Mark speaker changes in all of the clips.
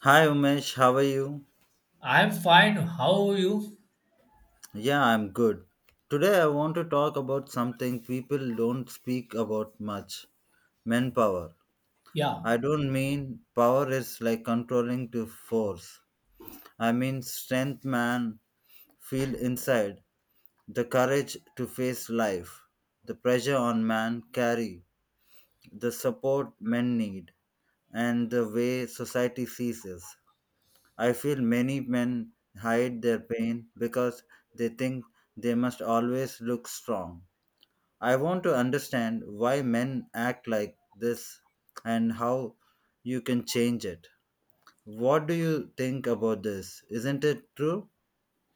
Speaker 1: Hi Umesh, how are you?
Speaker 2: I'm fine. How are you?
Speaker 1: Yeah, I'm good. Today I want to talk about something people don't speak about much, manpower.
Speaker 2: Yeah.
Speaker 1: I don't mean power is like controlling to force. I mean strength man feel inside, the courage to face life, the pressure on man carry, the support men need, and the way society sees us. I feel many men hide their pain because they think they must always look strong. I want to understand why men act like this and how you can change it. What do you think about this? Isn't it true?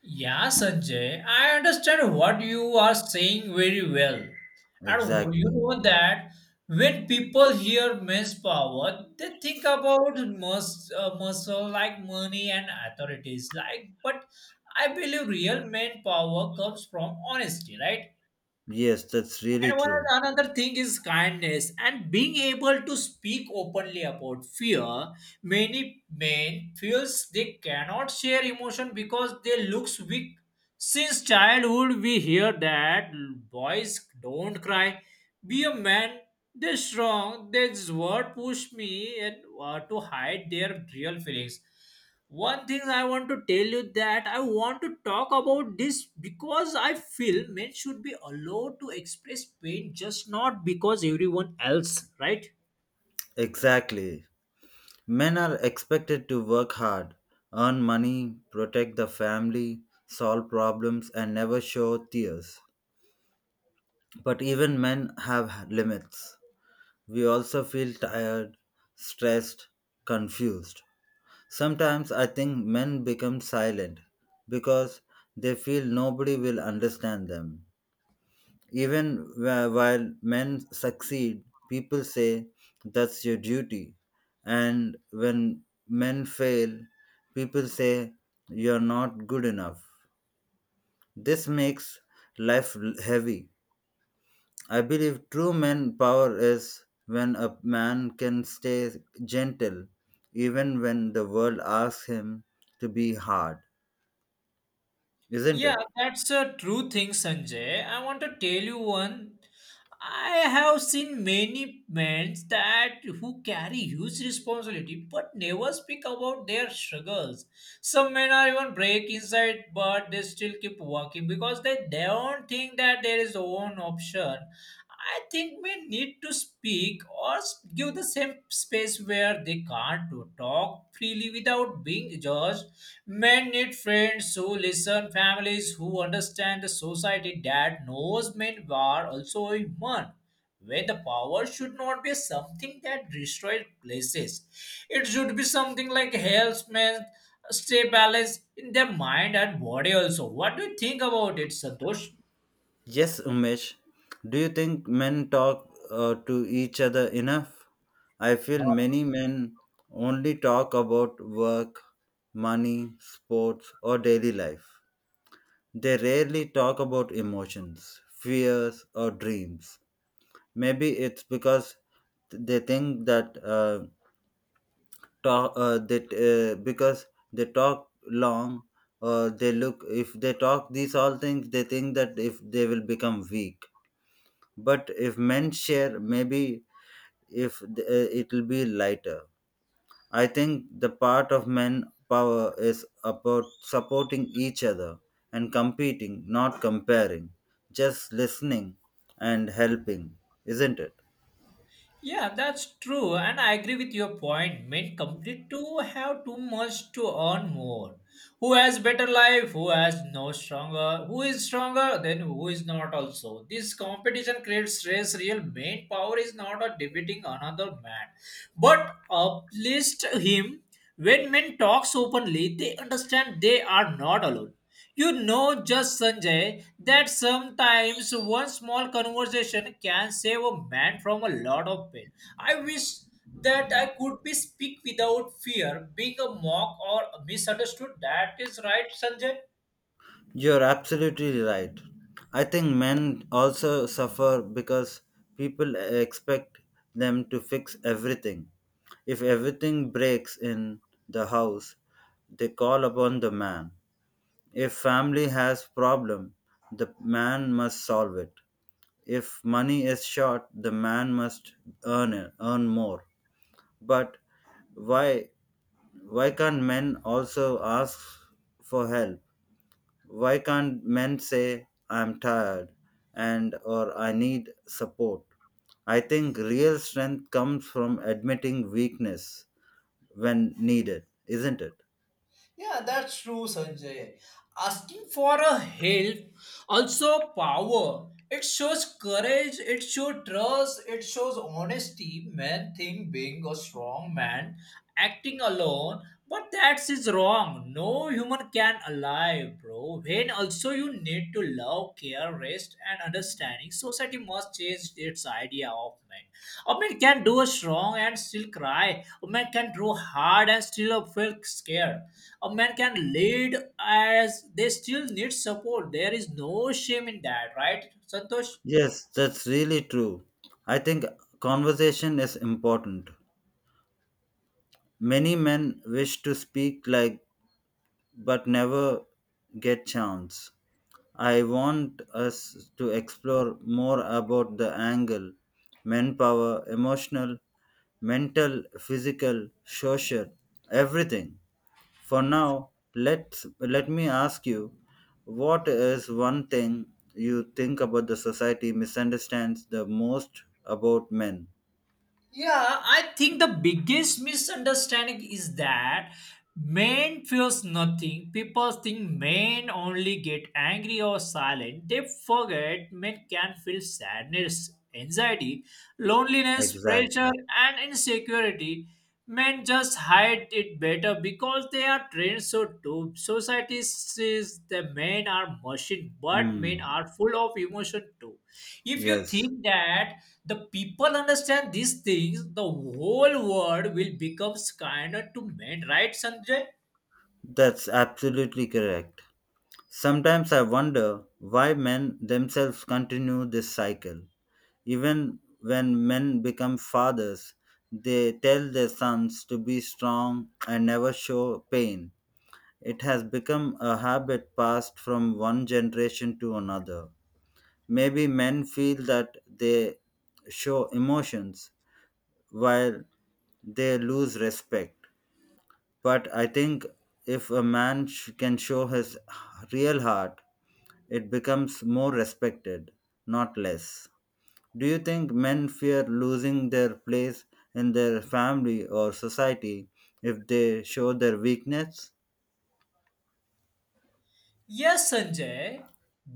Speaker 2: Yeah, Sanjay. I understand what you are saying very well. And you
Speaker 1: Exactly.
Speaker 2: know that when people hear men's power, they think about muscle like money and authorities. Like, but I believe real men power comes from honesty, right?
Speaker 1: Yes, that's really
Speaker 2: And
Speaker 1: true.
Speaker 2: another thing is kindness and being able to speak openly about fear. Many men feels they cannot share emotion because they looks weak. Since childhood, we hear that boys don't cry. Be a man. They're strong. This word push me and to hide their real feelings. One thing I want to tell you that I want to talk about this because I feel men should be allowed to express pain just not because everyone else, right?
Speaker 1: Exactly. Men are expected to work hard, earn money, protect the family, solve problems, and never show tears. But even men have limits. We also feel tired, stressed, confused. Sometimes I think men become silent because they feel nobody will understand them. Even while men succeed, people say that's your duty. And when men fail, people say you're not good enough. This makes life heavy. I believe true man power is when a man can stay gentle even when the world asks him to be hard, isn't
Speaker 2: Yeah,
Speaker 1: it?
Speaker 2: that's a true thing, Sanjay. I want to tell you one. I have seen many men that who carry huge responsibility but never speak about their struggles. Some men are even break inside, but they still keep working because they don't think that there is own option. I think we need to speak or give the same space where they can't to talk freely without being judged. Men need friends who listen, families who understand the society that knows men are also human. Where the power should not be something that destroys places, it should be something like helps men stay balanced in their mind and body also. What do you think about it, Santosh?
Speaker 1: Yes, Umesh. Do you think men talk to each other enough? I feel many men only talk about work, money, sports, or daily life. They rarely talk about emotions, fears, or dreams. Maybe it's because they think that talk that because they talk long or they look if they talk these all things they think that if they will become weak, but if men share maybe if th- it will be lighter. I think the part of men power is about supporting each other and competing not comparing, just listening and helping, isn't it?
Speaker 2: Yeah, that's true, and I agree with your point. Men complete to have too much to earn more. Who has better life? Who has no stronger? Who is stronger? Then who is not also? This competition creates stress. Real main power is not a debating another man, but uplift him. When men talks openly, they understand they are not alone. You know, just Sanjay, that sometimes one small conversation can save a man from a lot of pain. I wish that I could be speak without fear, being a mock or misunderstood. That is right, Sanjay.
Speaker 1: You're absolutely right. I think men also suffer because people expect them to fix everything. If everything breaks in the house, they call upon the man. If family has problem, the man must solve it. If money is short, the man must earn it, earn more. But why why can't men also ask for help? Why can't men say, I'm tired and or I need support? I think real strength comes from admitting weakness when needed, isn't it?
Speaker 2: Yeah, that's true, Sanjay. Asking for a help, also power. It shows courage, it shows trust, it shows honesty. Men think being a strong man, acting alone, but that's is wrong. No human can alive, bro. When also you need to love, care, rest, and understanding. Society must change its idea of man. A man can do strong and still cry. A man can draw hard and still feel scared. A man can lead as they still need support. There is no shame in that, right, Santosh?
Speaker 1: Yes, that's really true. I think conversation is important. Many men wish to speak like but never get chance. I want us to explore more about the angle, manpower, emotional, mental, physical, social, everything. For now, let me ask you, what is one thing you think about the society misunderstands the most about men?
Speaker 2: Yeah, I think the biggest misunderstanding is that men feels nothing. People think men only get angry or silent. They forget men can feel sadness, anxiety, loneliness, pressure,
Speaker 1: Exactly.
Speaker 2: and insecurity. Men just hide it better because they are trained so to society says the men are machine, but men
Speaker 1: Hmm.
Speaker 2: are full of emotion too. If you
Speaker 1: Yes,
Speaker 2: think that the people understand these things, the whole world will become kinder to men, right, Sanjay?
Speaker 1: that's absolutely correct. Sometimes I wonder why men themselves continue this cycle. Even when men become fathers, they tell their sons to be strong and never show pain. It has become a habit passed from one generation to another. Maybe men feel that they show emotions while they lose respect. But I think if a can show his real heart, it becomes more respected, not less. Do you think men fear losing their place in their family or society if they show their weakness?
Speaker 2: Yes, Sanjay.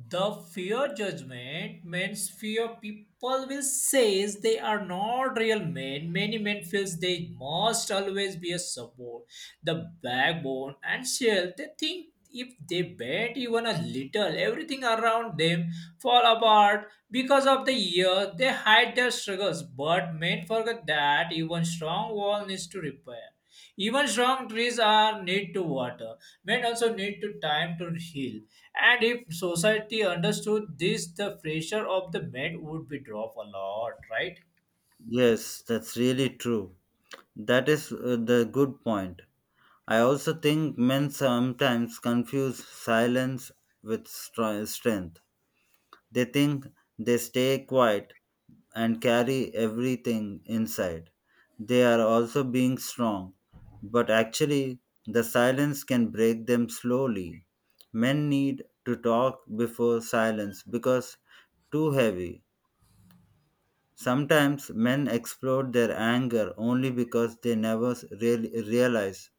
Speaker 2: The fear judgment means fear people will says they are not real men. Many men feels they must always be a support, the backbone and shell. They think if they bend even a little, everything around them fall apart because of the year, they hide their struggles, but men forget that even strong wall needs to repair. Even strong trees are need to water. Men also need to time to heal. And if society understood this, the pressure of the men would be dropped a lot, right?
Speaker 1: Yes, that's really true. That is the good point. I also think men sometimes confuse silence with strength. They think they stay quiet and carry everything inside. They are also being strong, but actually, the silence can break them slowly. Men need to talk before silence because too heavy. Sometimes men explode their anger only because they never realize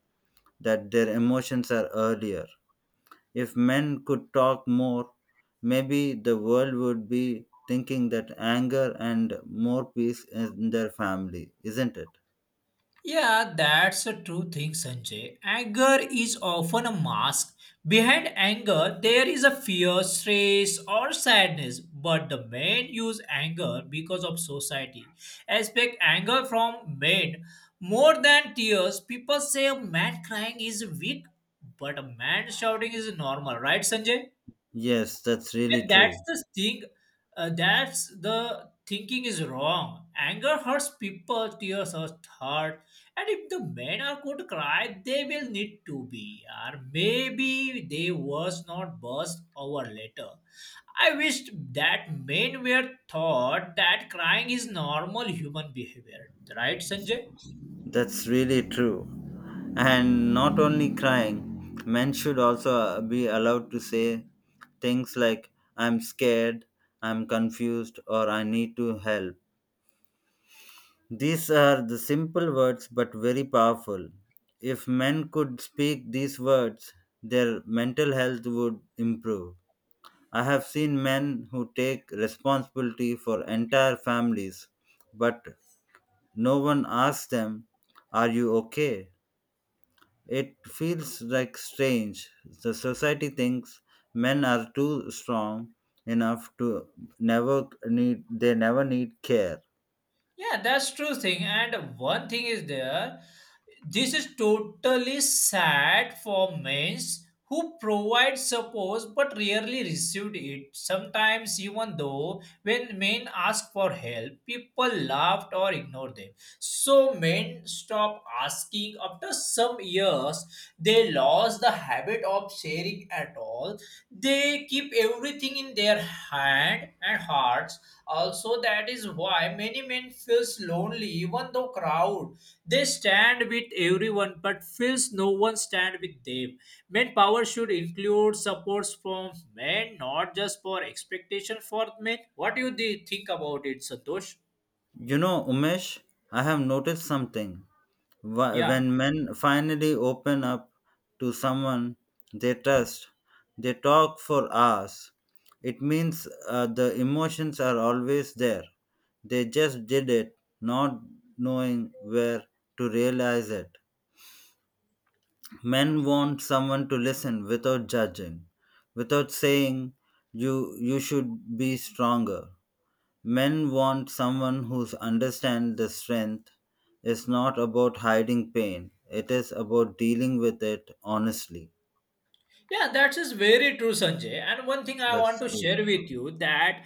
Speaker 1: that their emotions are earlier. If men could talk more, maybe the world would be thinking that anger and more peace in their family, isn't it?
Speaker 2: Yeah, that's a true thing, Sanjay. Anger is often a mask. Behind anger, there is a fear, stress, or sadness. But the men use anger because of society. Expect anger from men more than tears. People say a man crying is weak, but a man shouting is normal, right, Sanjay?
Speaker 1: Yes, that's
Speaker 2: Yeah,
Speaker 1: really
Speaker 2: that's
Speaker 1: true.
Speaker 2: the thing. That's the thinking is wrong. Anger hurts people, tears hurt heart. And if the men are going to cry, they will need to be. Or maybe they was not burst over later. I wished that men were taught that crying is normal human behavior. Right, Sanjay?
Speaker 1: That's really true. And not only crying, men should also be allowed to say things like, I'm scared, I'm confused, or I need to help. These are the simple words but very powerful. If men could speak these words, their mental health would improve. I have seen men who take responsibility for entire families, but no one asks them, are you okay? It feels like strange. The society thinks men are too strong enough to never need they never need care.
Speaker 2: Yeah, that's true thing. And one thing is there, this is totally sad for men who provide support but rarely received it. Sometimes even though when men ask for help, people laughed or ignored them. So men stop asking after some years, they lost the habit of sharing at all. They keep everything in their hand and hearts also. That is why many men feels lonely even though crowd, they stand with everyone but feels no one stand with them. Men power should include supports from men, not just for expectation for men. What do you think about it, Santosh?
Speaker 1: You know, Umesh, I have noticed something. Wh-
Speaker 2: Yeah.
Speaker 1: When men finally open up to someone they trust, they talk for hours. It means the emotions are always there. They just did it, not knowing where to realize it. Men want someone to listen without judging, without saying you should be stronger. Men want someone who understands the strength is not about hiding pain, it is about dealing with it honestly.
Speaker 2: Yeah, that is very true, Sanjay. And one thing I want
Speaker 1: That's
Speaker 2: to
Speaker 1: true.
Speaker 2: share with you that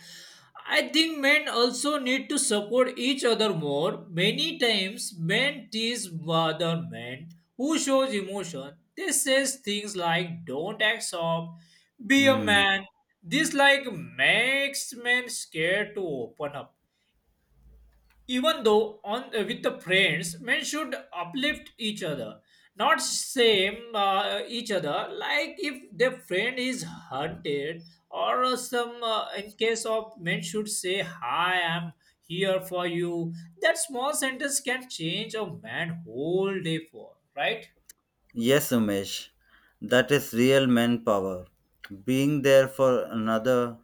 Speaker 2: I think men also need to support each other more. Many times, men tease other men who shows emotion. They says things like "Don't act soft," "Be a
Speaker 1: Mm.
Speaker 2: man." This like makes men scared to open up even though on with the friends. Men should uplift each other, not shame each other. Like if their friend is hunted or some in case of men should say, hi, I'm here for you. That small sentence can change a man whole day for, right?
Speaker 1: Yes, Umesh, that is real manpower. Being there for another,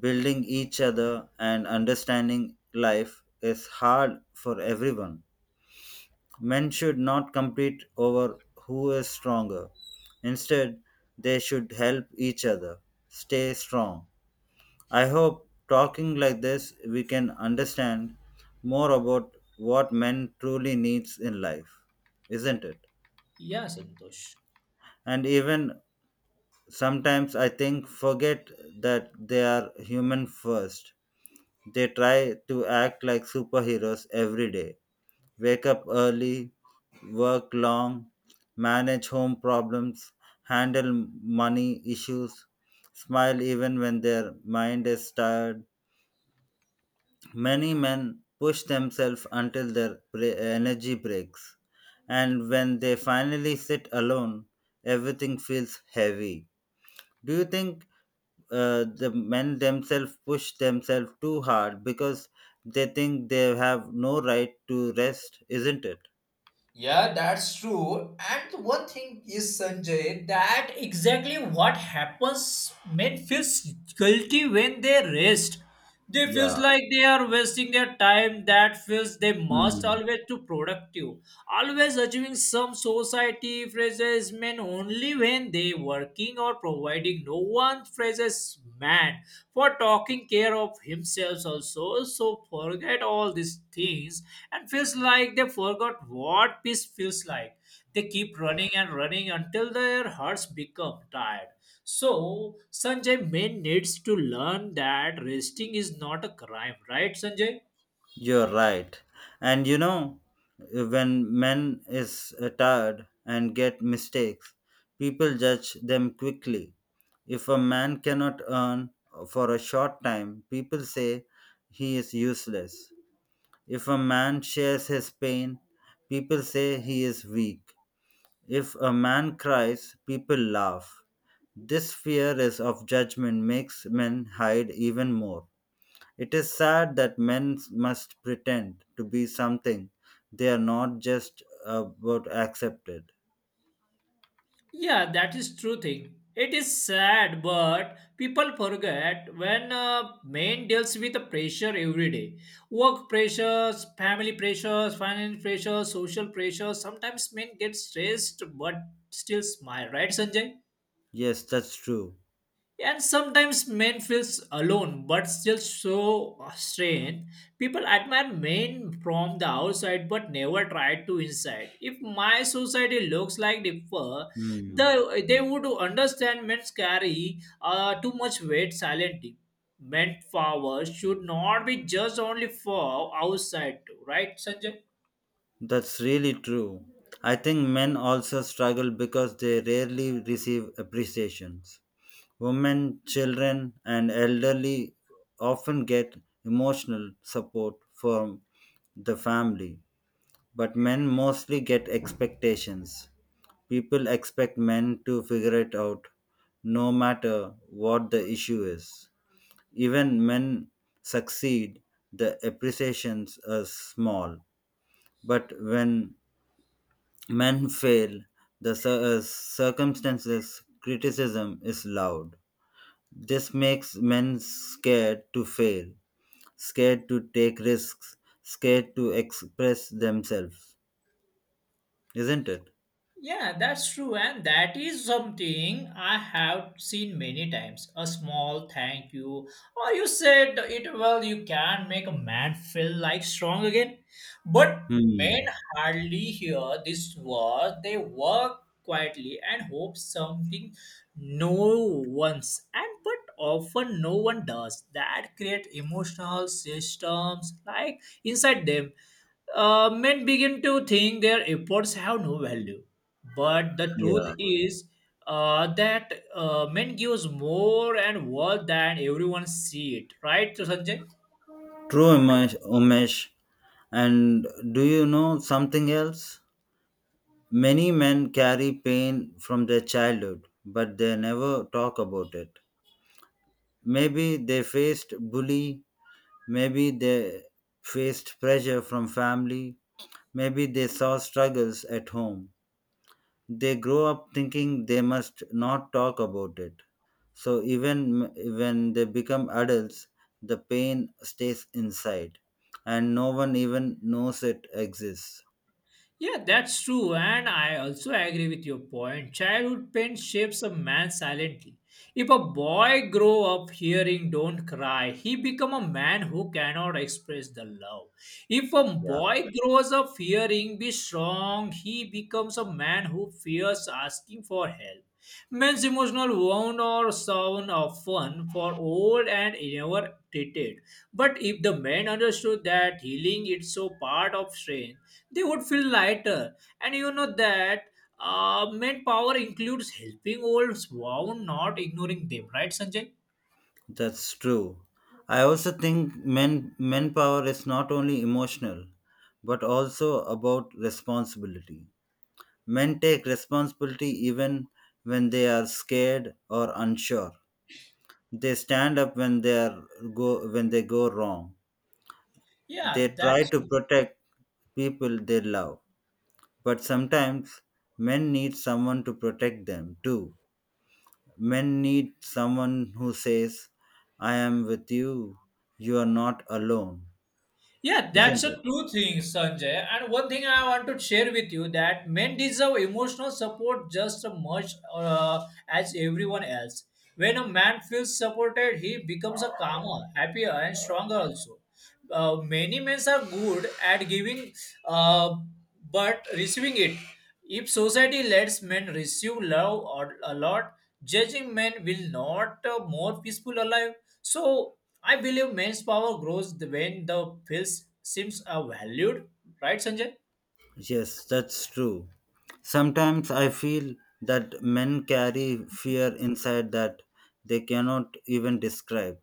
Speaker 1: building each other, and understanding life is hard for everyone. Men should not compete over who is stronger. Instead, they should help each other stay strong. I hope talking like this we can understand more about what men truly needs in life, isn't it?
Speaker 2: Yeah, Santosh.
Speaker 1: And even sometimes I think forget that they are human first. They try to act like superheroes every day. Wake up early, work long, manage home problems, handle money issues, smile even when their mind is tired. Many men push themselves until their energy breaks, and when they finally sit alone, everything feels heavy. Do you think the men themselves push themselves too hard because they think they have no right to rest, isn't it?
Speaker 2: Yeah, that's true. And one thing is, Sanjay, that exactly what happens men feels guilty when they rest. They feels
Speaker 1: Yeah.
Speaker 2: like they are wasting their time. That feels they must
Speaker 1: Hmm.
Speaker 2: always to productive, always achieving some society praises men only when they working or providing surrounding. No one praises man for talking care of himself also. So forget all these things and feels like they forgot what peace feels like. They keep running and running until their hearts become tired. So, Sanjay, man needs to learn that resting is not a crime, right, Sanjay?
Speaker 1: You're right. And you know, when men is tired and get mistakes, people judge them quickly. If a man cannot earn for a short time, people say he is useless. If a man shares his pain, people say he is weak. If a man cries, people laugh. This fear is of judgment makes men hide even more. It is sad that men must pretend to be something they are not just about accepted.
Speaker 2: Yeah, that is true thing. It is sad, but people forget when man deals with the pressure every day. Work pressures, family pressures, financial pressures, social pressures. Sometimes men get stressed but still smile, right, Sanjay?
Speaker 1: Yes, that's true.
Speaker 2: And sometimes men feels alone but still so strange. People admire men from the outside but never try to inside. If my society looks like the
Speaker 1: Hmm.
Speaker 2: the, they would understand men carry too much weight silently. Men power should not be just only for outside too, right, Sanjay?
Speaker 1: That's really true. I think men also struggle because they rarely receive appreciations. Women, children, and elderly often get emotional support from the family, but men mostly get expectations. People expect men to figure it out no matter what the issue is. Even men succeed, the appreciations are small. But when men fail, the circumstances criticism is loud. This makes men scared to fail, scared to take risks, scared to express themselves, isn't it?
Speaker 2: Yeah, that's true, and that is something I have seen many times. A small thank you, or you said it well, you can make a man feel like strong again. But men
Speaker 1: Hmm.
Speaker 2: hardly hear this word, they work quietly and hope something. No one's, and but often no one does that create emotional systems like inside them. Men begin to think their efforts have no value. But the
Speaker 1: Yeah.
Speaker 2: truth is that men gives more and worth than everyone see it. Right, Sanjay?
Speaker 1: True, Umesh. Umesh. And do you know something else? Many men carry pain from their childhood, but they never talk about it. Maybe they faced bully, maybe they faced pressure from family, maybe they saw struggles at home. They grow up thinking they must not talk about it. So even when they become adults, the pain stays inside and no one even knows it exists.
Speaker 2: Yeah, that's true, and I also agree with your point. Childhood pain shapes a man silently. If a boy grow up hearing "Don't cry," he become a man who cannot express the love. If a
Speaker 1: Yeah.
Speaker 2: boy grows up hearing "Be strong," he becomes a man who fears asking for help. Men's emotional wound or sound of fun for old and never treated. But if the men understood that healing is so part of strength, they would feel lighter. And you know that men power includes helping old wound, not ignoring them, right, Sanjay?
Speaker 1: That's true. I also think men manpower is not only emotional but also about responsibility. Men take responsibility even when they are scared or unsure. They stand up when they are go when they go wrong. They
Speaker 2: Yeah,
Speaker 1: try
Speaker 2: that's
Speaker 1: to
Speaker 2: true.
Speaker 1: protect people they love. But sometimes men need someone to protect them too. Men need someone who says, I am with you. You are not alone,
Speaker 2: Yeah,
Speaker 1: isn't
Speaker 2: that's
Speaker 1: it?
Speaker 2: a true thing, Sanjay. And one thing I want to share with you that men deserve emotional support just as much as everyone else. When a man feels supported, he becomes a calmer, happier, and stronger. Also, many men are good at giving, uh, but receiving it. If society lets men receive love or a lot, judging men will not more peaceful alive. So I believe men's power grows when the feels seems valued. Right, Sanjay?
Speaker 1: Yes, that's true. Sometimes I feel that men carry fear inside that they cannot even describe.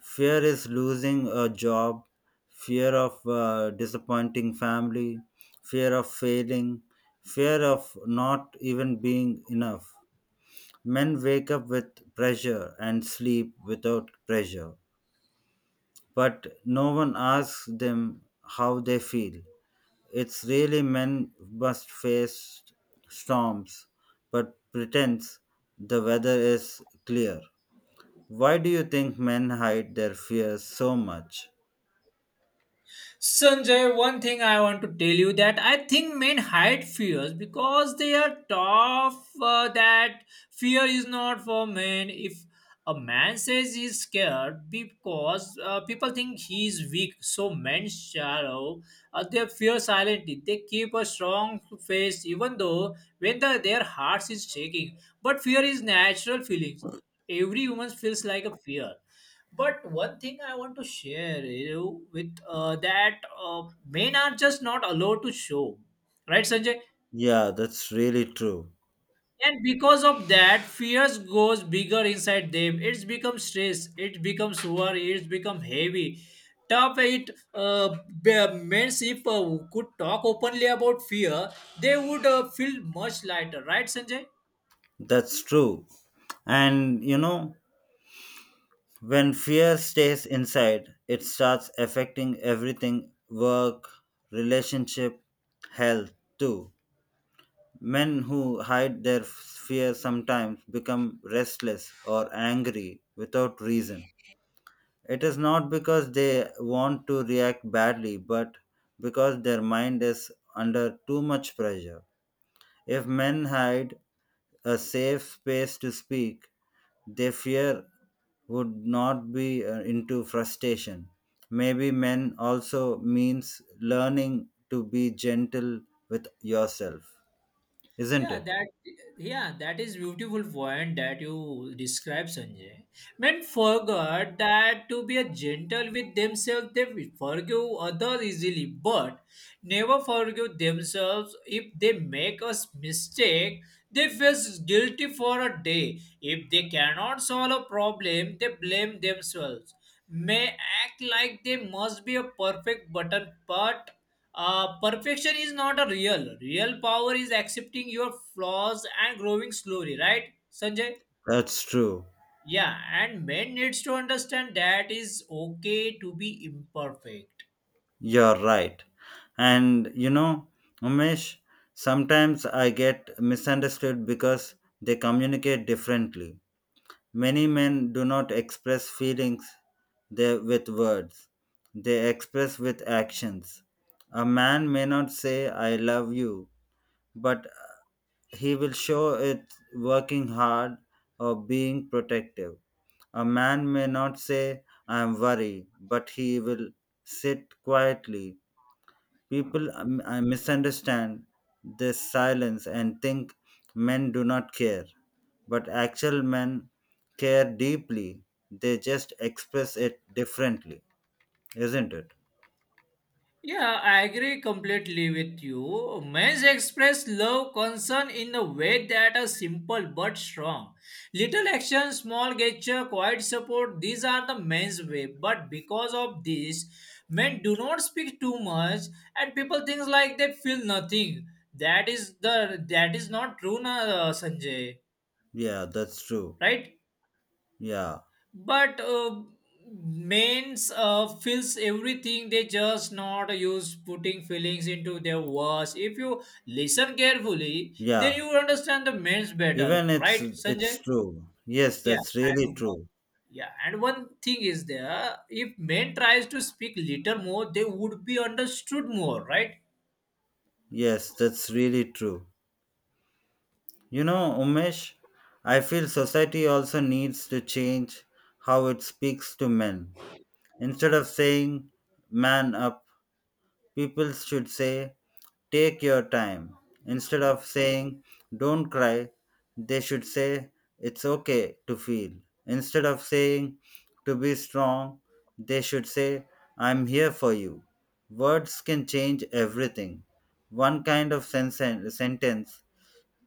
Speaker 1: Fear is losing a job, fear of disappointing family, fear of failing, fear of not even being enough. Men wake up with pressure and sleep without pressure, but no one asks them how they feel. It's really men must face storms, but pretends the weather is clear. Why do you think men hide their fears so much?
Speaker 2: Sanjay, one thing I want to tell you that I think men hide fears because they are tough. That fear is not for men. If a man says he's scared because people think he's weak, so men shallow. They fear silently. They keep a strong face even though when their hearts is shaking. But fear is natural feelings. Every woman feels like a fear. But one thing I want to share you with that men are just not allowed to show, right, Sanjay?
Speaker 1: Yeah, that's really true.
Speaker 2: And because of that, fears goes bigger inside them. It's become stress. It becomes worry. It's become heavy. Top eight men if could talk openly about fear, they would feel much lighter, right, Sanjay?
Speaker 1: That's true. And you know, when fear stays inside, it starts affecting everything work, relationship, health too. Men who hide their fear sometimes become restless or angry without reason. It is not because they want to react badly, but because their mind is under too much pressure. If men hide a safe space to speak, their fear would not be into frustration. Maybe men also means learning to be gentle with yourself, isn't
Speaker 2: Yeah,
Speaker 1: it?
Speaker 2: that yeah, that is beautiful point that you describe, Sanjay. Men forgot that to be a gentle with themselves, they will forgive others easily, but never forgive themselves if they make a mistake. They feel guilty for a day. If they cannot solve a problem, they blame themselves. May act like they must be a perfect button, but perfection is not a real. Real power is accepting your flaws and growing slowly, right, Sanjay?
Speaker 1: That's true.
Speaker 2: Yeah, and men needs to understand that is okay to be imperfect.
Speaker 1: You're right. And you know, Umesh, sometimes I get misunderstood because they communicate differently. Many men do not express feelings they, with words, they express with actions. A man may not say, I love you, but he will show it working hard or being protective. A man may not say, I am worried, but he will sit quietly. People misunderstand this silence and think men do not care, but actual men care deeply. They just express it differently, isn't it?
Speaker 2: Yeah, I agree completely with you. Men express love, concern in a way that are simple but strong. Little action, small gesture, quiet support, these are the men's way. But because of this, men do not speak too much and people think like they feel nothing. That is not true, na, Sanjay,
Speaker 1: Yeah, that's true.
Speaker 2: right?
Speaker 1: Yeah,
Speaker 2: But mains feels everything, they just not use putting feelings into their words. If you listen carefully then
Speaker 1: yeah.
Speaker 2: you understand the mains better,
Speaker 1: Even it's
Speaker 2: right, Sanjay?
Speaker 1: it's true. Yes,
Speaker 2: yeah
Speaker 1: that's
Speaker 2: and
Speaker 1: really
Speaker 2: one-
Speaker 1: true.
Speaker 2: yeah, and one thing is there, if men tries to speak little more they would be understood more, right?
Speaker 1: Yes, that's really true. You know, Umesh, I feel society also needs to change how it speaks to men. Instead of saying man up, people should say, take your time. Instead of saying, don't cry, they should say, it's okay to feel. Instead of saying, to be strong, they should say, I'm here for you. Words can change everything. One kind of sentence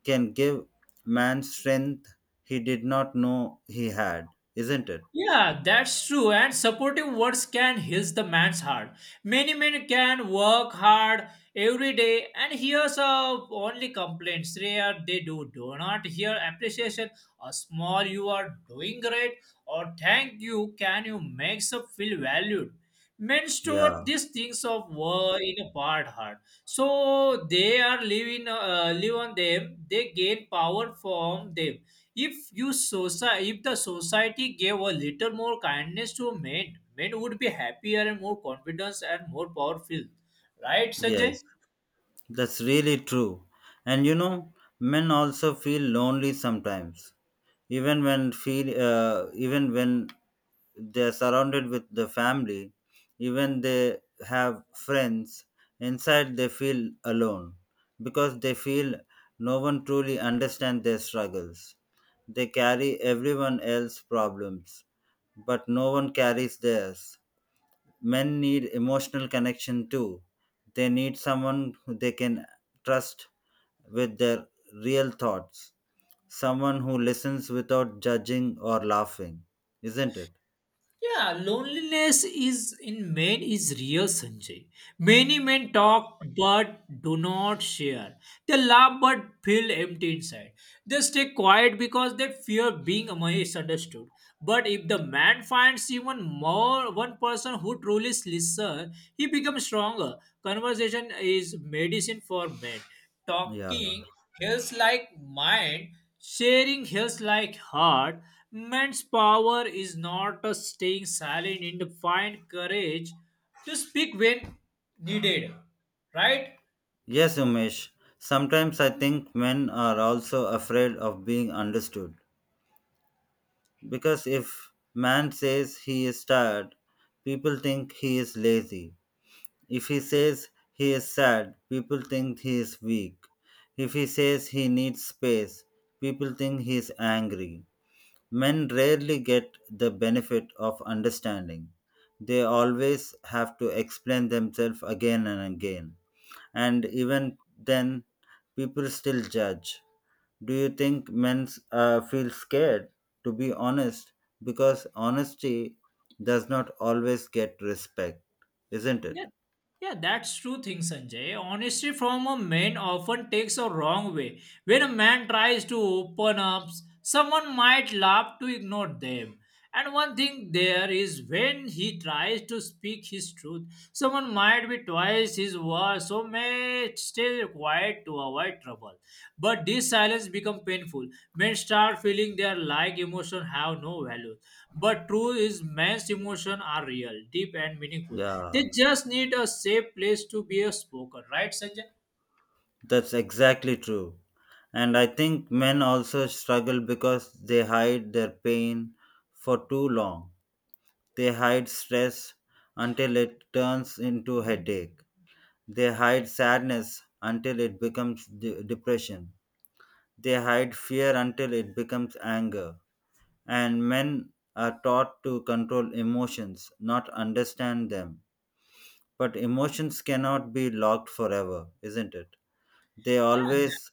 Speaker 1: can give man strength he did not know he had, isn't it?
Speaker 2: Yeah, that's true. And supportive words can heal the man's heart. Many men can work hard every day and hears of only complaints. They do not hear appreciation. A small you are doing great or thank you can you makes up feel valued. Men store
Speaker 1: Yeah,
Speaker 2: these things of war in a part heart, so they are living live on them. They gain power from them. If if the society gave a little more kindness to men, men would be happier and more confident and more powerful. Right, Sanjay?
Speaker 1: yes. That's really true. And you know, men also feel lonely sometimes, even when they are surrounded with the family, even they have friends. Inside, they feel alone because they feel no one truly understands their struggles. They carry everyone else's problems, but no one carries theirs. Men need emotional connection too. They need someone who they can trust with their real thoughts, someone who listens without judging or laughing, isn't it?
Speaker 2: Yeah, loneliness is in men is real, Sanjay. Many men talk but do not share. They laugh but feel empty inside. They stay quiet because they fear being misunderstood. But if the man finds even more one person who truly listens, he becomes stronger. Conversation is medicine for men.
Speaker 1: Yeah.
Speaker 2: Talking heals like mind. Sharing his like heart, man's power is not a staying silent and to find courage to speak when needed. Right?
Speaker 1: Yes, Umesh. Sometimes I think men are also afraid of being understood. Because if man says he is tired, people think he is lazy. If he says he is sad, people think he is weak. If he says he needs space, people think he is angry. Men rarely get the benefit of understanding. They always have to explain themselves again and again. And even then, people still judge. Do you think men feel scared to be honest? Because honesty does not always get respect, isn't it?
Speaker 2: Yeah, yeah, that's true thing, Sanjay. Honesty from a man often takes a wrong way. When a man tries to open up, someone might laugh to ignore them. And one thing there is, when he tries to speak his truth, someone might be twice his war, so may stay quiet to avoid trouble. But this silence become painful. Men start feeling their like emotion have no value. But truth is men's emotion are real, deep and meaningful.
Speaker 1: Yeah.
Speaker 2: They just need a safe place to be a spoken, right, Sanjay?
Speaker 1: That's exactly true. And I think men also struggle because they hide their pain for too long. They hide stress until it turns into headache. They hide sadness until it becomes depression. They hide fear until it becomes anger. And men are taught to control emotions, not understand them. But emotions cannot be locked forever, isn't it? They
Speaker 2: Yeah,
Speaker 1: always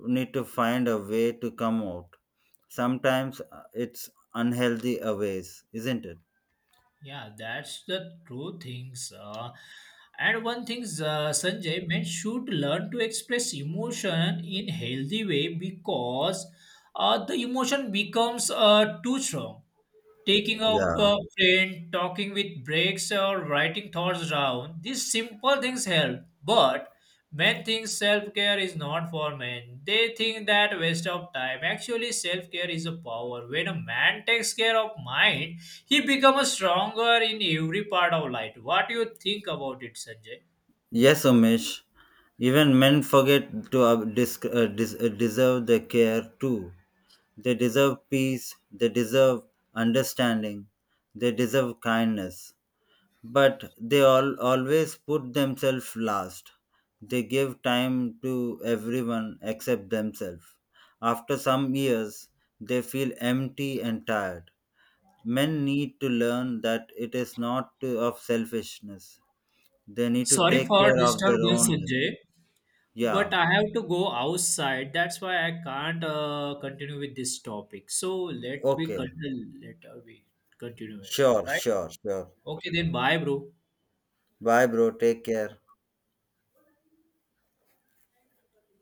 Speaker 1: need to find a way to come out. Sometimes it's unhealthy a ways, isn't it?
Speaker 2: yeah, that's the true things. And one thing, Sanjay, men should learn to express emotion in healthy way, because the emotion becomes too strong. Taking a
Speaker 1: Yeah.
Speaker 2: train, talking with breaks, or writing thoughts down, these simple things help. But men think self care is not for men. They think that waste of time. Actually, self care is a power. When a man takes care of mind, he becomes stronger in every part of life. What do you think about it, Sanjay?
Speaker 1: Yes, Umesh. Even men forget to deserve the care too. They deserve peace. They deserve understanding. They deserve kindness, but they all always put themselves last. They give time to everyone except themselves. After some years, they feel empty and tired. Men need to learn that it is not of selfishness. They need to
Speaker 2: Sorry
Speaker 1: take
Speaker 2: for
Speaker 1: care of their own.
Speaker 2: disturbance, Sanjay.
Speaker 1: Yeah.
Speaker 2: But I have to go outside. That's why I can't continue with this topic. So let we
Speaker 1: Okay.
Speaker 2: continue. Let we continue it.
Speaker 1: Sure,
Speaker 2: Right?
Speaker 1: sure, sure.
Speaker 2: Okay, then bye, bro.
Speaker 1: Bye, bro, take care.